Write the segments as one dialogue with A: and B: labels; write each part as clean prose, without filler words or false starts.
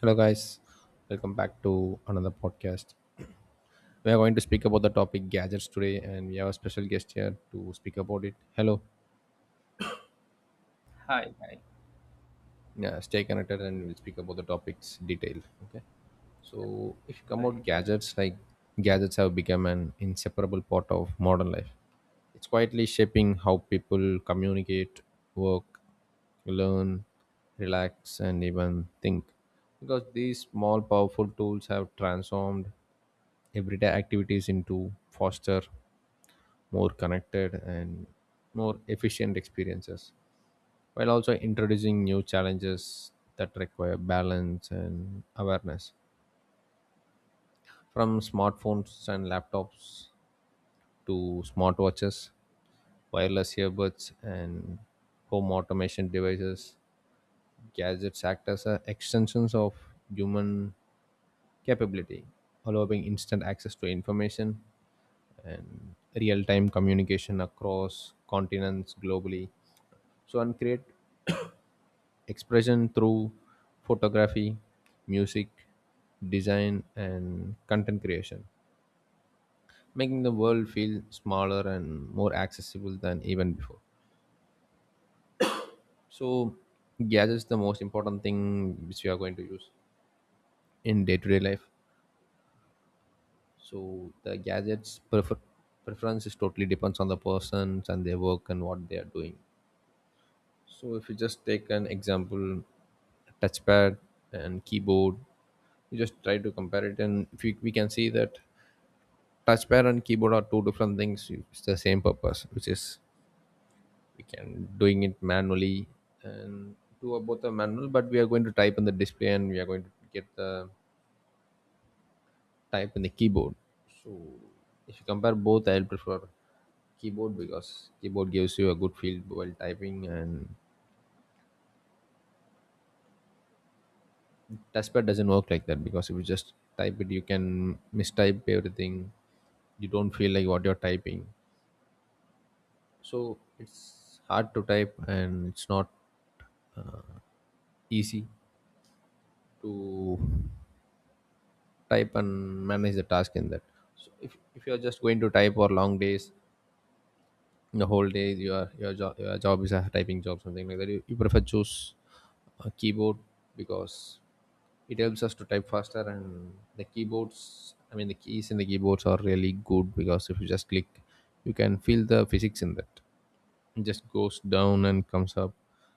A: Hello, guys. Welcome back to another podcast. We are going to speak about the topic gadgets today, and we have a special guest here to speak about it. Hello.
B: Hi, hi,
A: Yeah, stay connected, and we'll speak about the topics detail. Okay. So, if you come out
B: right.
A: gadgets, like gadgets have become an inseparable part of modern life. It's quietly shaping how people communicate, work, learn, relax, and even think. Because these small, powerful tools have transformed everyday activities into foster more connected and more efficient experiences while also introducing new challenges that require balance and awareness, from smartphones and laptops to smartwatches, wireless earbuds and home automation devices. Gadgets act as a extensions of human capability, allowing instant access to information and real-time communication across continents globally, so and create expression through photography, music, design and content creation, making the world feel smaller and more accessible than even before. So gadgets the most important thing which we are going to use in day-to-day life. So the preference is totally depends on the persons and their work and what they are doing. So if you just take an example, touchpad and keyboard, you just try to compare it, and if you, we can see that touchpad and keyboard are two different things. It's the same purpose, which is we can doing it manually, and two are both are manual, but we are going to type on the display, and we are going to get the type in the keyboard. So if you compare both, I'll prefer keyboard because keyboard gives you a good feel while typing. And touchpad doesn't work like that, because if you just type it, you can mistype everything. You don't feel like what you're typing. So it's hard to type and it's not easy to type and manage the task in that. So if you're just going to type for long days, the whole day your job is a typing job, something like that. You prefer choose a keyboard, because it helps us to type faster. And the keyboards, I mean the keys in the keyboards are really good, because if you just click you can feel the physics in that. It just goes down and comes up,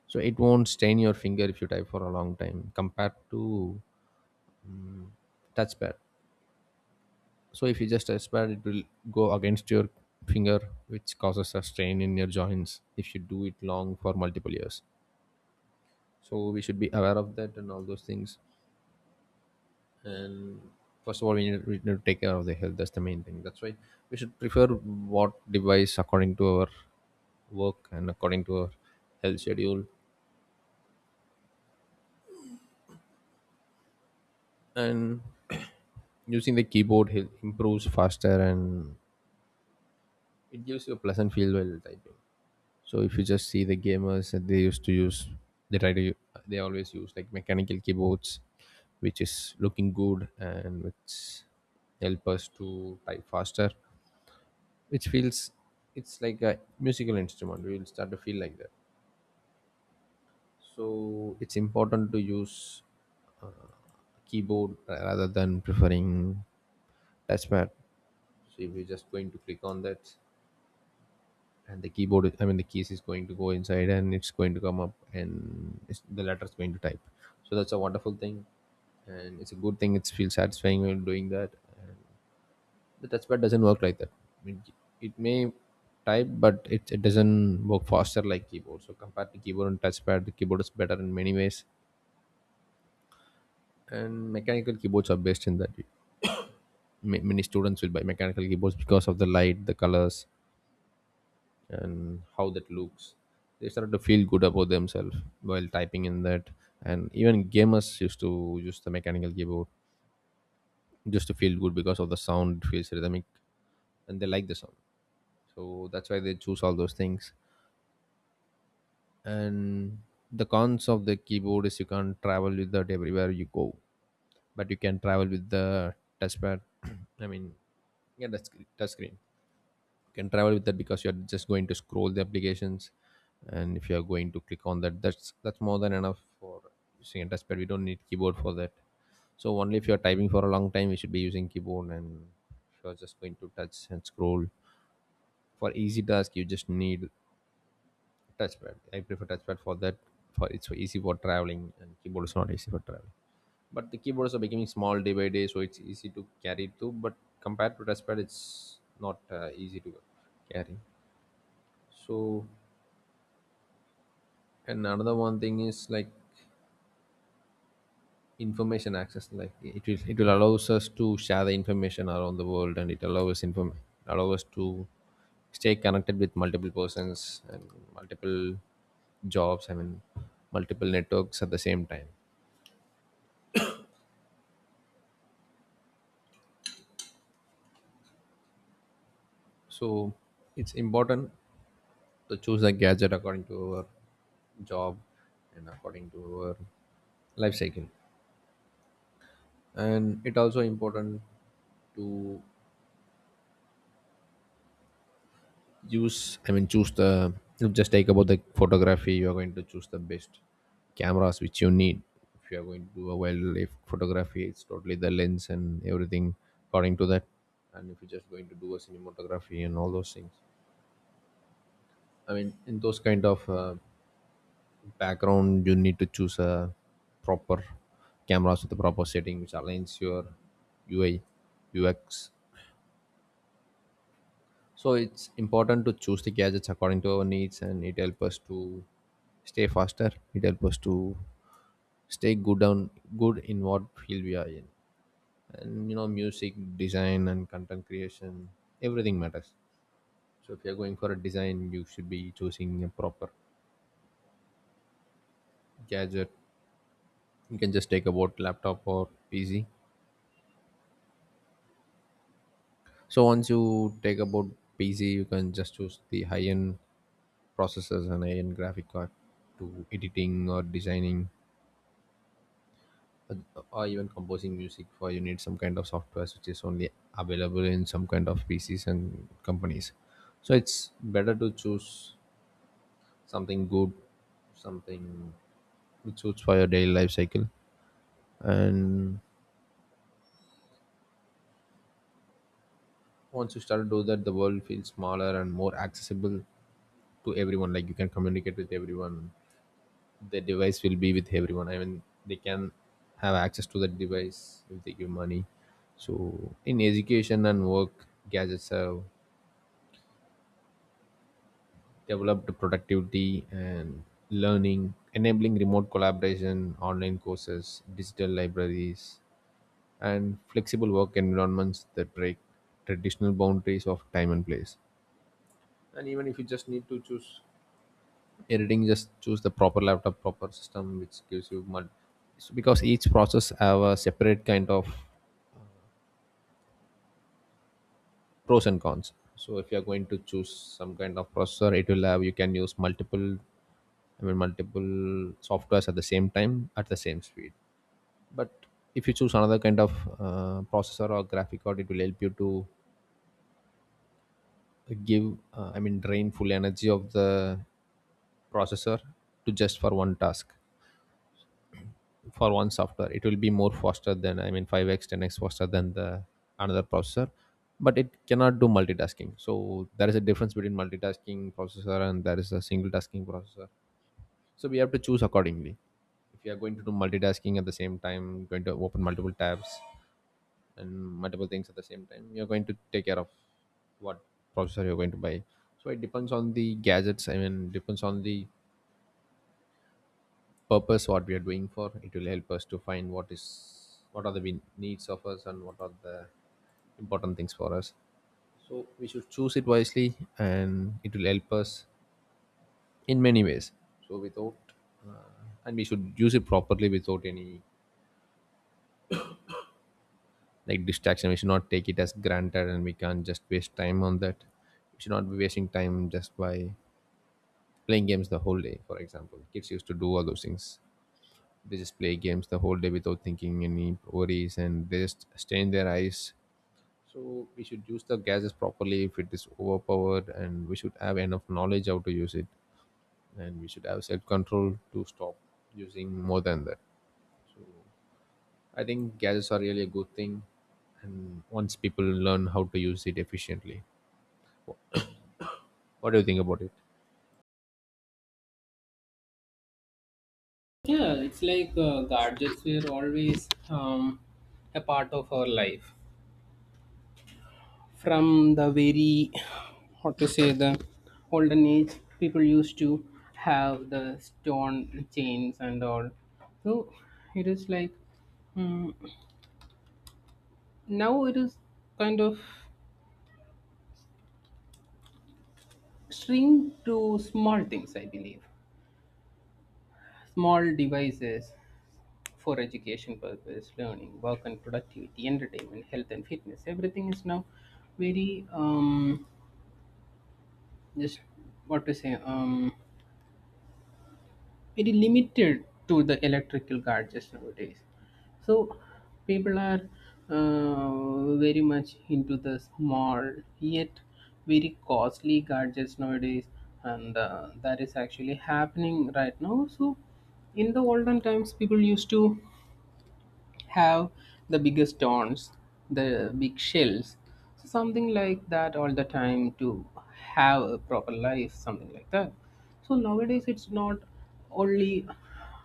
A: so it won't stain your finger if you type for a long time compared to touchpad. So if you just touchpad it will go against your finger, which causes a strain in your joints if you do it long for multiple years. So we should be aware of that and all those things. And first of all we need to take care of the health. That's the main thing. That's why we should prefer what device according to our work and according to our health schedule. And using the keyboard improves faster and it gives you a pleasant feel while typing. So if you just see the gamers that they used to use, they try to u- they always use like mechanical keyboards, which is looking good and which help us to type faster, which feels it's like a musical instrument. You will start to feel like that. So it's important to use keyboard rather than preferring touchpad. So if you're just going to click on that, and the keyboard I mean the keys is going to go inside and it's going to come up and the letter is going to type. So that's a wonderful thing, and it's a good thing. It feels satisfying when doing that. And the touchpad doesn't work like that. I mean, it may type but it doesn't work faster like keyboard. So compared to keyboard and touchpad, the keyboard is better in many ways, and mechanical keyboards are best in that. Many students will buy mechanical keyboards because of the light, the colors and how that looks. They started to feel good about themselves while typing in that. And even gamers used to use the mechanical keyboard just to feel good, because of the sound. It feels rhythmic and they like the sound. So that's why they choose all those things. And the cons of the keyboard is you can't travel with that everywhere you go, but you can travel with the touchpad. i mean yeah, that's touch screen. You can travel with that because you're just going to scroll the applications, and if you're going to click on that, that's more than enough for using a touchpad. We don't need keyboard for that. So only if you're typing for a long time you should be using keyboard, and if you're just going to touch and scroll for easy task you just need touchpad. I prefer touchpad for that. For it's so easy for traveling, and keyboard is not easy for traveling. But the keyboards are becoming small day by day, so it's easy to carry too. But compared to touchpad, it's not easy to carry. So, and another one thing is like information access. Like it will allows us to share the information around the world, and it allows inform allow us to stay connected with multiple persons and multiple jobs. I mean, multiple networks at the same time. So it's important to choose a gadget according to our job and according to our life cycle. And it also important to use I mean choose the, if just take about the photography, you are going to choose the best cameras which you need. If you are going to do a wildlife photography, it's totally the lens and everything according to that. And if you're just going to do a cinematography and all those things. I mean, in those kind of background you need to choose a proper cameras with the proper setting which aligns your UI, UX. So it's important to choose the gadgets according to our needs, and it helps us to stay faster. It helps us to stay good on good in what field we are in. And you know, music, design and content creation, everything matters. So if you're going for a design you should be choosing a proper gadget. You can just take a about laptop or PC. So once you take about PC, you can just choose the high-end processors and high-end graphic card to editing or designing, uh, or even composing music. For you need some kind of software which is only available in some kind of PCs and companies. So it's better to choose something good, something which suits for your daily life cycle. And once you start to do that, the world feels smaller and more accessible to everyone. Like you can communicate with everyone. The device will be with everyone, I mean they can have access to that device if they give money. So in education and work, gadgets have developed productivity and learning, enabling remote collaboration, online courses, digital libraries and flexible work environments that break traditional boundaries of time and place. And even if you just need to choose editing, just choose the proper laptop, proper system which gives you it's because each process have a separate kind of pros and cons. So if you're going to choose some kind of processor it will have, you can use multiple, I mean multiple softwares at the same time at the same speed. But if you choose another kind of processor or graphic card, it will help you to give, I mean drain full energy of the processor to just for one task, for one software. It will be more faster than, I mean 5x 10x faster than the another processor, but it cannot do multitasking. So there is a difference between multitasking processor and there is a single tasking processor. So we have to choose accordingly. If you are going to do multitasking at the same time, going to open multiple tabs and multiple things at the same time, you're going to take care of what processor you're going to buy. So it depends on the gadgets, I mean depends on the purpose what we are doing for. It will help us to find what is, what are the needs of us, and what are the important things for us. So we should choose it wisely and it will help us in many ways. So without uh, and we should use it properly without any like distraction. We should not take it as granted and we can't just waste time on that. We should not be wasting time just by playing games the whole day. For example, kids used to do all those things. They just play games the whole day without thinking any worries, and they just strain their eyes. So we should use the gadgets properly if it is overpowered, and we should have enough knowledge how to use it, and we should have self-control to stop using more than that. I think gadgets are really a good thing, and once people learn how to use it efficiently, what do you think about it?
B: Yeah, it's like gadgets were always a part of our life. From the very, how to say, the olden age, people used to have the stone chains and all. So it is like mm, now it is kind of string to small things, I believe, small devices for education purpose, learning, work and productivity, entertainment, health and fitness. Everything is now very just what to say very limited to the electrical gadgets nowadays. So people are very much into the small yet very costly gadgets nowadays, and that is actually happening right now. So in the olden times people used to have the biggest stones, the big shells, so something like that all the time to have a proper life, something like that. So nowadays it's not only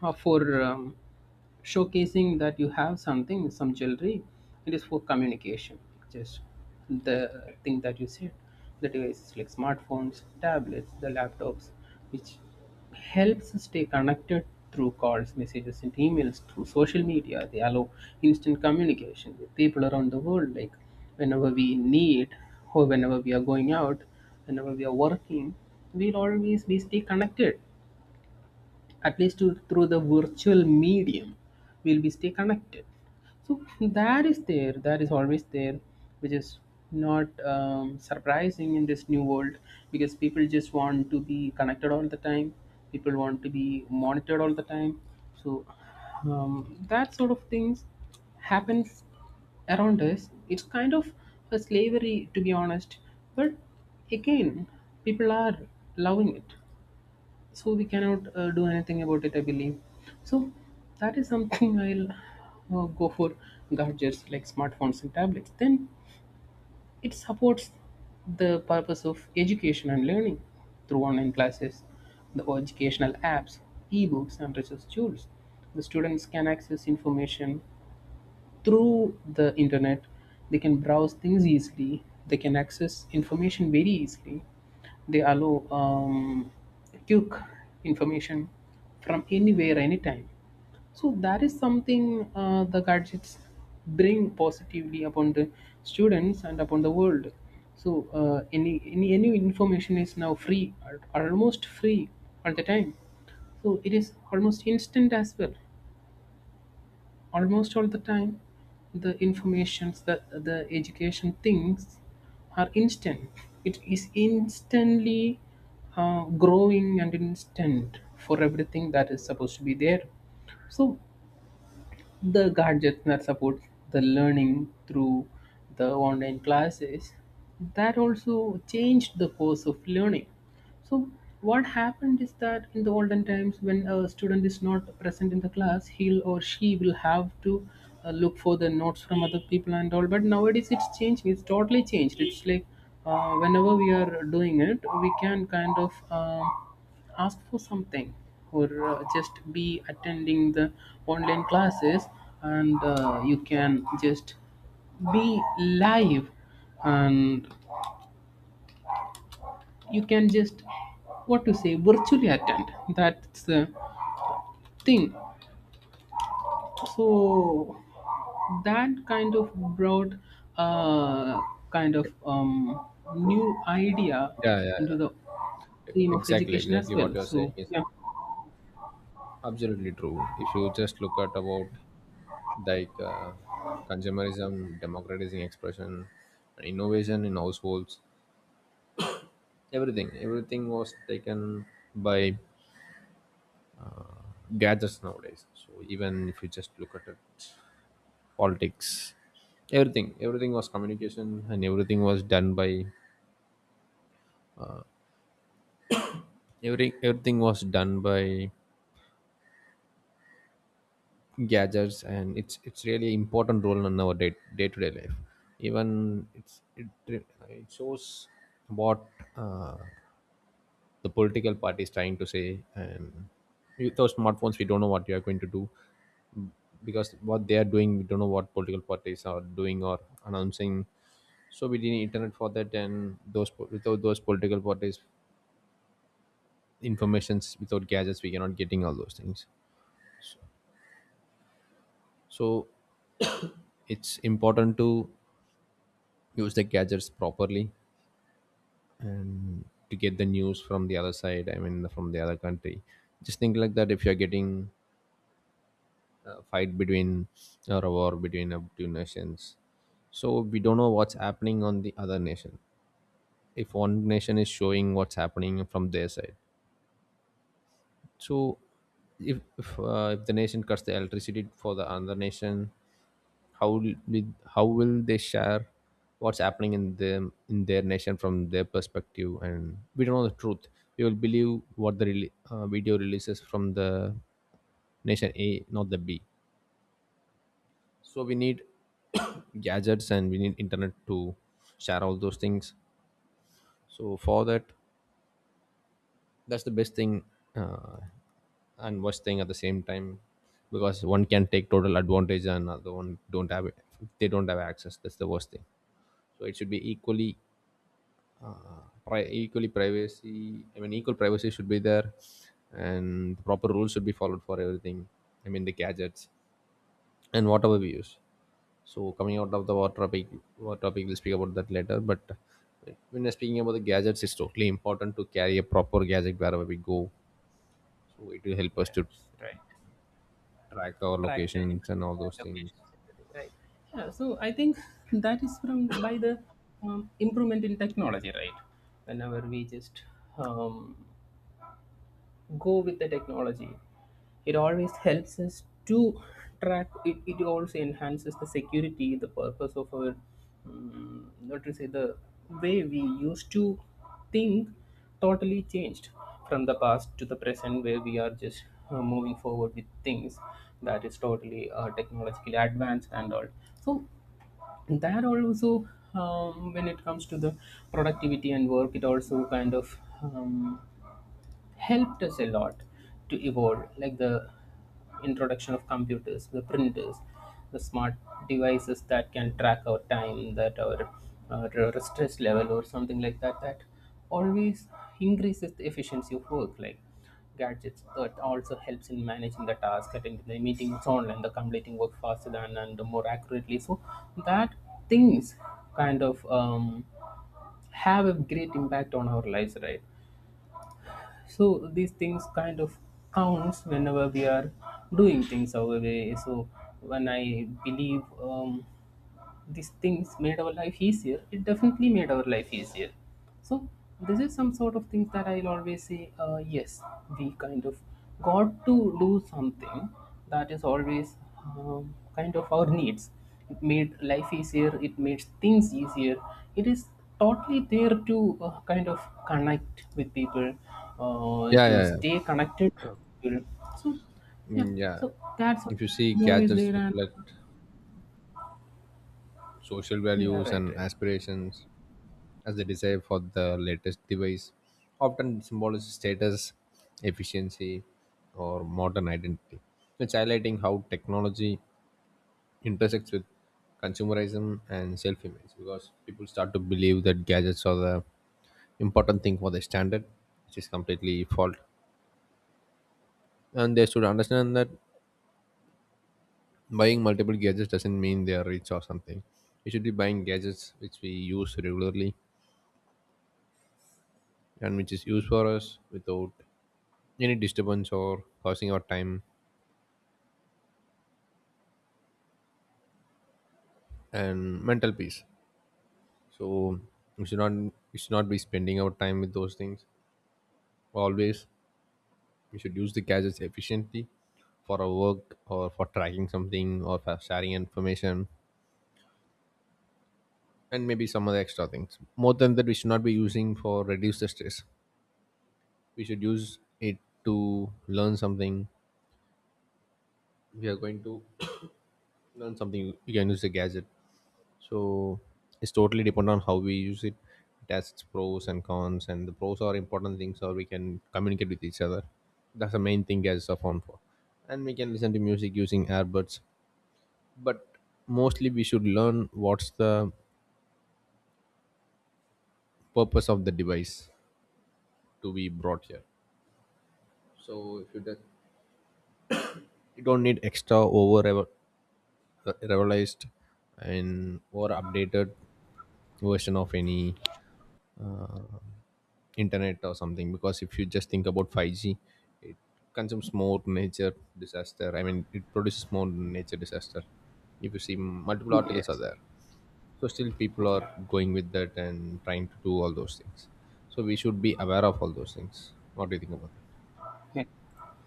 B: for showcasing that you have something, some jewelry. It is for communication, just the thing that you said. The devices like smartphones, tablets, the laptops, which helps us stay connected through calls, messages, and emails, through social media. They allow instant communication with people around the world. Like whenever we need, or whenever we are going out, whenever we are working, we'll always be stay connected at least to, through the virtual medium we'll be stay connected. So that is there, that is always there, which is not surprising in this new world, because people just want to be connected all the time, people want to be monitored all the time. So that sort of things happens around us. It's kind of a slavery, to be honest. But again, people are loving it, so we cannot do anything about it, I believe. So that is something I'll go for. Gadgets like smartphones and tablets then, it supports the purpose of education and learning through online classes, the educational apps, ebooks and resource tools. The students can access information through the internet. They can browse things easily, they can access information very easily. They allow quick information from anywhere anytime. So that is something, the gadgets bring positively upon the students and upon the world. So any information is now free, almost free all the time. So it is almost instant as well, almost all the time. The informations that the education thinks are instant. It is instantly growing and instant for everything that is supposed to be there. So the gadgets that support the learning through the online classes, that also changed the course of learning. So what happened is that in the olden times, when a student is not present in the class, he'll or she will have to look for the notes from other people and all, but nowadays it's changing, it's totally changed. It's like whenever we are doing it, we can kind of ask for something, or just be attending the online classes, and you can just be live, and you can just, what to say, virtually attend, that's the thing. So that kind of brought a kind of new idea
A: Yeah, yeah,
B: into the
A: yeah.
B: stream of
A: Exactly,
B: education as
A: exactly what
B: well,
A: you're saying
B: so
A: is
B: yeah.
A: absolutely true. If you just look at about like uh, consumerism, democratizing expression, and innovation in households. Everything, everything was taken by gadgets nowadays. So even if you just look at it, politics, everything, everything was communication, and everything was done by everything was done by gadgets, and it's really important role in our day to day life. Even it shows what. Uh, the political party is trying to say. And without smartphones, we don't know what you are going to do, because what they are doing, we don't know what political parties are doing or announcing. So we need internet for that, and those without those political parties informations, without gadgets, we cannot getting all those things. So it's important to use the gadgets properly and to get the news from the other side, I mean from the other country. Just think like that, if you're getting a fight between or a war between up two nations, so we don't know what's happening on the other nation. If one nation is showing what's happening from their side, so if the nation cuts the electricity for the other nation, how will they share what's happening in them, in their nation from their perspective, and we don't know the truth. We will believe what the video releases from the nation A, not the B. So we need gadgets and we need internet to share all those things. So for that, that's the best thing uh, and worst thing at the same time, because one can take total advantage and other one don't have it, they don't have access. That's the worst thing. So it should be equally privacy, I mean equal privacy should be there, and proper rules should be followed for everything, I mean the gadgets and whatever we use. So coming out of the water topic we'll speak about that later. But when we're speaking about the gadgets, it's totally important to carry a proper gadget wherever we go. So it will help us to
B: Yes, right.
A: track our
B: Tracked in
A: locations and all those things.
B: locations, everything, right? Yeah, so I think that is from, by the improvement in technology, right? Whenever we just um, go with the technology, it always helps us to track it. It also enhances the security, the purpose of our not to say the way we used to think totally changed from the past to the present, where we are just moving forward with things that is totally technologically advanced and all. So that also when it comes to the productivity and work, it also kind of helped us a lot to evolve, like the introduction of computers, the printers, the smart devices that can track our time, that our stress level, or something like that, that always increases the efficiency of work. Like gadgets, that also helps in managing the task, attending the meetings online, the completing work faster than and more accurately. So that things kind of have a great impact on our lives, right? So these things kind of counts whenever we are doing things our way. So when I believe these things made our life easier, it definitely made our life easier. So this is some sort of things that I'll always say, yes, we kind of got to do something that is always kind of our needs. It made life easier, it made things easier. It is totally there to kind of connect with people,
A: Yeah,
B: to
A: yeah, yeah.
B: stay connected with people. So yeah,
A: Mm, yeah.
B: so that's
A: If you see,
B: always
A: gadgets
B: there. And
A: reflect social
B: yeah,
A: values
B: right,
A: and
B: right.
A: aspirations, as they desire for the latest device, often symbolizes status, efficiency, or modern identity. It's highlighting how technology intersects with consumerism and self-image, because people start to believe that gadgets are the important thing for their standard, which is completely fault. And they should understand that buying multiple gadgets doesn't mean they are rich or something. We should be buying gadgets which we use regularly and which is used for us without any disturbance or causing our time and mental peace. So we should not be spending our time with those things always. We should use the gadgets efficiently for our work or for tracking something or for sharing information, and maybe some other extra things. More than that, we should not be using. For reduce the stress, we should use it to learn something. We are going to learn something, you can use the gadget. So it's totally depend on how we use it. It has its pros and cons, and the pros are important things, or we can communicate with each other. That's the main thing gadgets are found for, and we can listen to music using earbuds. But mostly we should learn what's the purpose of the device to be brought here. So if you don't, you don't need extra over revised and or updated version of any uh, internet or something, because if you just think about 5G, it consumes more nature disaster, I mean it produces more nature disaster. If you see, multiple articles are
B: Yes.
A: there. So still people are
B: Yeah,
A: going with that and trying to do all those things. So we should be aware of all those things. What do you think about that?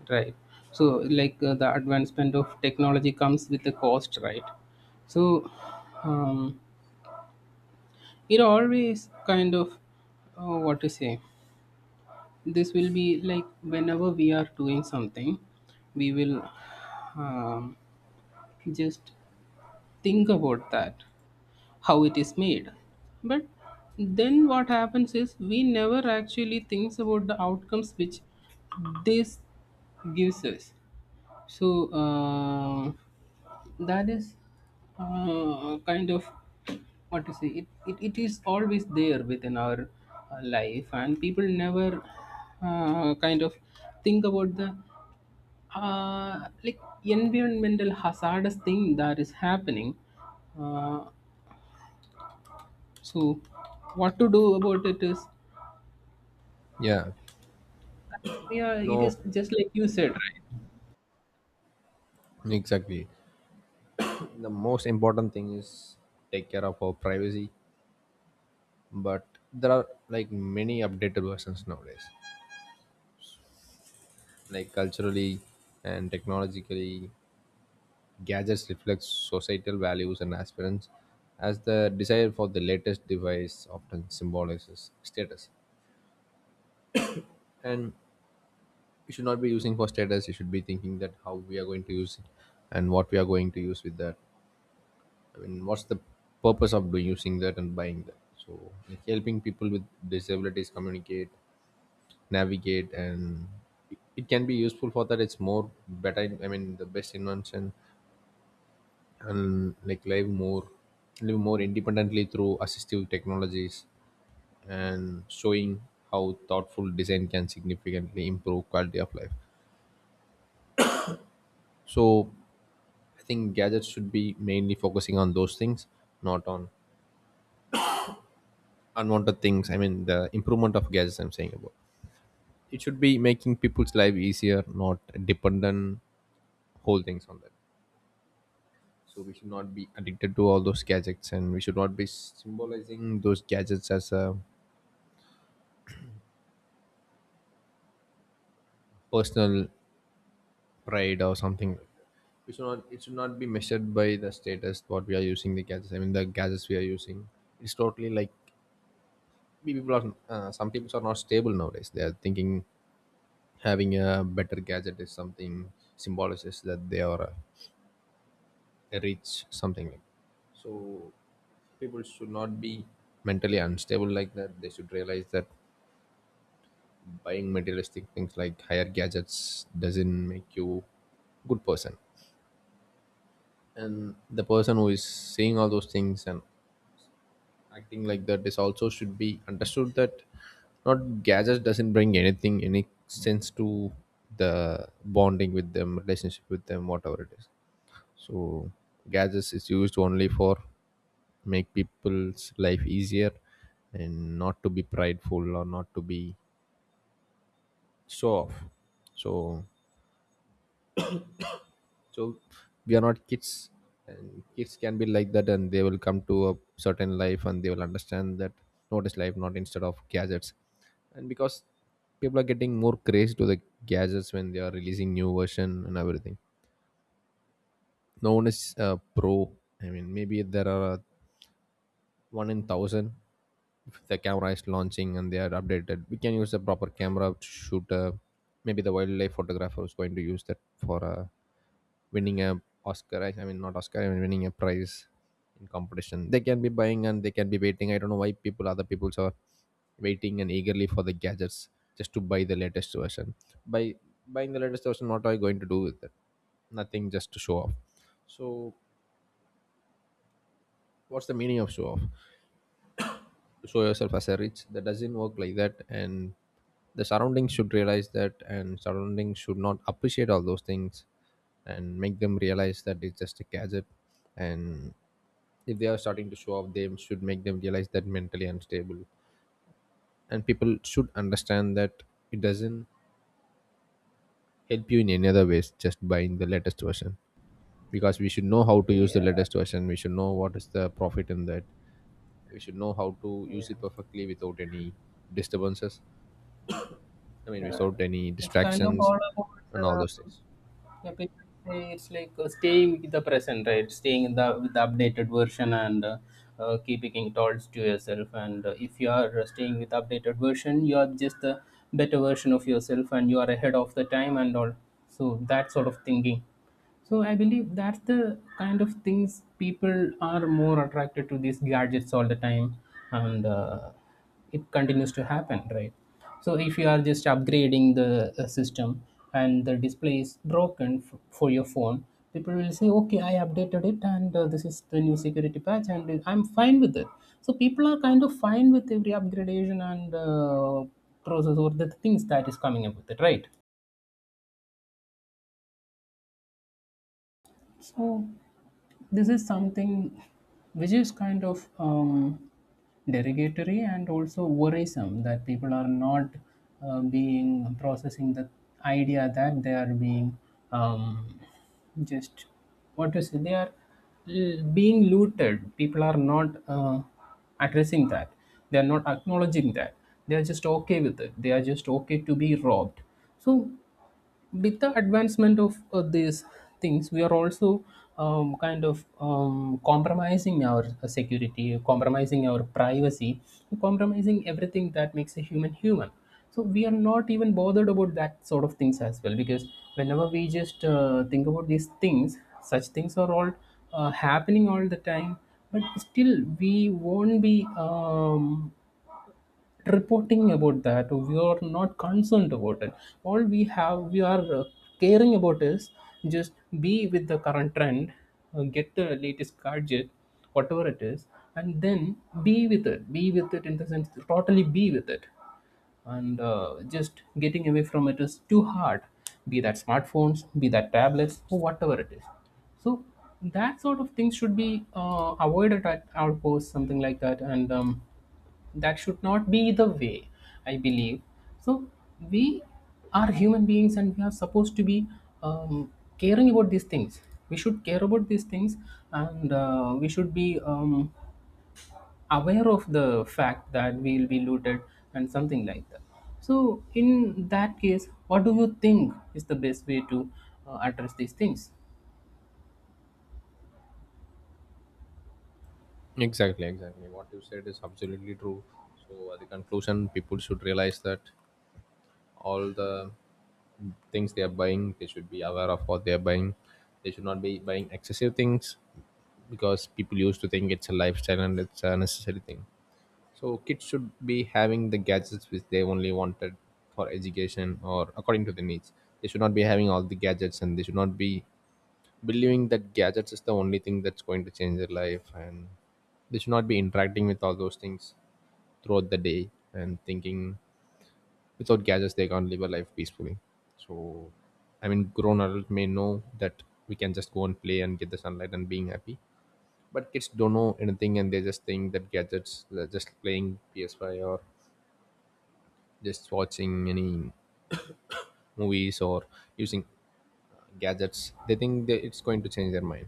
B: right. So like the advancement of technology comes with a cost, right? So um, it always kind of what to say, this will be like whenever we are doing something, we will um, just think about that, how it is made. But then what happens is we never actually thinks about the outcomes which this gives us. So that is kind of what to say. It is always there within our life, and people never kind of think about the like environmental hazardous thing that is happening. Uh, so what to do about it is,
A: Yeah,
B: yeah,
A: you
B: it
A: know,
B: is just like you said,
A: exactly. The most important thing is take care of our privacy. But there are like many updated versions nowadays, like culturally and technologically, gadgets reflect societal values and aspirants, as the desire for the latest device often symbolizes status. And we should not be using for status. You should be thinking that how we are going to use it and what we are going to use with that, I mean what's the purpose of doing using that and buying that. So like helping people with disabilities communicate, navigate, and it can be useful for that. It's more better, I mean the best invention. And like live more independently through assistive technologies, and showing how thoughtful design can significantly improve quality of life. So I think gadgets should be mainly focusing on those things, not on unwanted things. I mean, the improvement of gadgets. I'm saying about it should be making people's life easier, not dependent whole things on that. So we should not be addicted to all those gadgets, and we should not be symbolizing those gadgets as a personal pride or something like that. We should not. It should not be measured by the status what we are using the gadgets. I mean, the gadgets we are using. It's totally like we people are. Some people are not stable nowadays. They are thinking having a better gadget is something symbolizes that they are rich, something like. So people should not be mentally unstable like that. They should realize that buying materialistic things like higher gadgets doesn't make you good person. And the person who is saying all those things and acting like that is also should be understood that not gadgets doesn't bring anything, any sense to the bonding with them, relationship with them, whatever it is. So gadgets is used only for make people's life easier, and not to be prideful or not to be show off. So so we are not kids. And kids can be like that, and they will come to a certain life and they will understand that what is life, not instead of gadgets. And because people are getting more crazy to the gadgets when they are releasing new version and everything. No one is pro, I mean maybe there are one in thousand. If the camera is launching and they are updated, we can use a proper camera to shoot. Uh, maybe the wildlife photographer is going to use that for winning a Oscar, I mean not Oscar, I mean winning a prize in competition. They can be buying and they can be waiting. I don't know why people other people are waiting and eagerly for the gadgets, just to buy the latest version. By buying the latest version, what are you going to do with it? Nothing, just to show off. So what's the meaning of show off? Show yourself as a rich? That doesn't work like that. And the surroundings should realize that, and surroundings should not appreciate all those things and make them realize that it's just a gadget. And if they are starting to show off, they should make them realize that mentally unstable. And people should understand that it doesn't help you in any other ways just buying the latest version. Because we should know how to
B: right?
A: use the
B: Yeah,
A: latest version, we should know what is the profit in that, we should know how to use
B: yeah.
A: it perfectly without any disturbances. I mean,
B: Uh,
A: without any
B: it's kind of
A: distractions
B: all about.
A: and all
B: Uh,
A: those things.
B: Yeah, people say it's like staying with the present, right? Staying in the with the updated version and keeping it all to yourself. And if you are staying with updated version, you are just a better version of yourself, and you are ahead of the time and all. So that sort of thinking. So I believe that's the kind of things people are more attracted to these gadgets all the time, and it continues to happen, right? So if you are just upgrading the system and the display is broken for your phone, people will say, okay, I updated it and this is the new security patch and I'm fine with it. So people are kind of fine with every upgradation and process or the things that is coming up with it, right? So this is something which is kind of derogatory and also worrisome that people are not being processing the idea that they are being um, just what to say, they are being looted. People are not addressing that, they are not acknowledging that, they are just okay with it, they are just okay to be robbed. So with the advancement of these things, we are also kind of compromising our security, compromising our privacy, compromising everything that makes a human human. So we are not even bothered about that sort of things as well, because whenever we just think about these things, such things are all happening all the time. But still, we won't be reporting about that, we are not concerned about it. All we have, we are caring about is just be with the current trend, get the latest gadget, whatever it is, and then be with it, be with it in the sense, totally be with it. And just getting away from it is too hard, be that smartphones, be that tablets, or whatever it is. So that sort of things should be avoided at outposts, something like that, and that should not be the way, I believe. So we are human beings and we are supposed to be um, caring about these things, we should care about these things. And we should be aware of the fact that we'll be looted and something like that. So, in that case, what do you think is the best way to address these things?
A: Exactly, exactly. What you said is absolutely true. So, at the conclusion, people should realize that all the things they are buying, they should be aware of what they are buying. They should not be buying excessive things, because people used to think it's a lifestyle and it's a necessary thing. So, kids should be having the gadgets which they only wanted for education or according to the needs. They should not be having all the gadgets, and they should not be believing that gadgets is the only thing that's going to change their life, and they should not be interacting with all those things throughout the day and thinking without gadgets they can't live a life peacefully. So I mean, grown adult may know that we can just go and play and get the sunlight and being happy. But kids don't know anything, and they just think that gadgets, they're just playing PS5 or just watching any movies or using gadgets, they think that it's going to change their mind.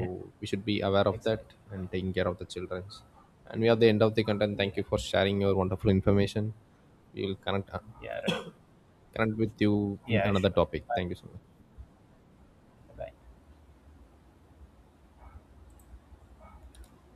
B: Yeah.
A: we should be aware of that
B: Exactly.
A: and taking care of the children's. And we are the end of the content. Thank
B: Yeah.
A: you for sharing your wonderful information. We will
B: Yeah. Right.
A: connect with you in
B: Yeah.
A: another
B: Sure.
A: topic.
B: Bye.
A: Thank you so much.
B: Bye.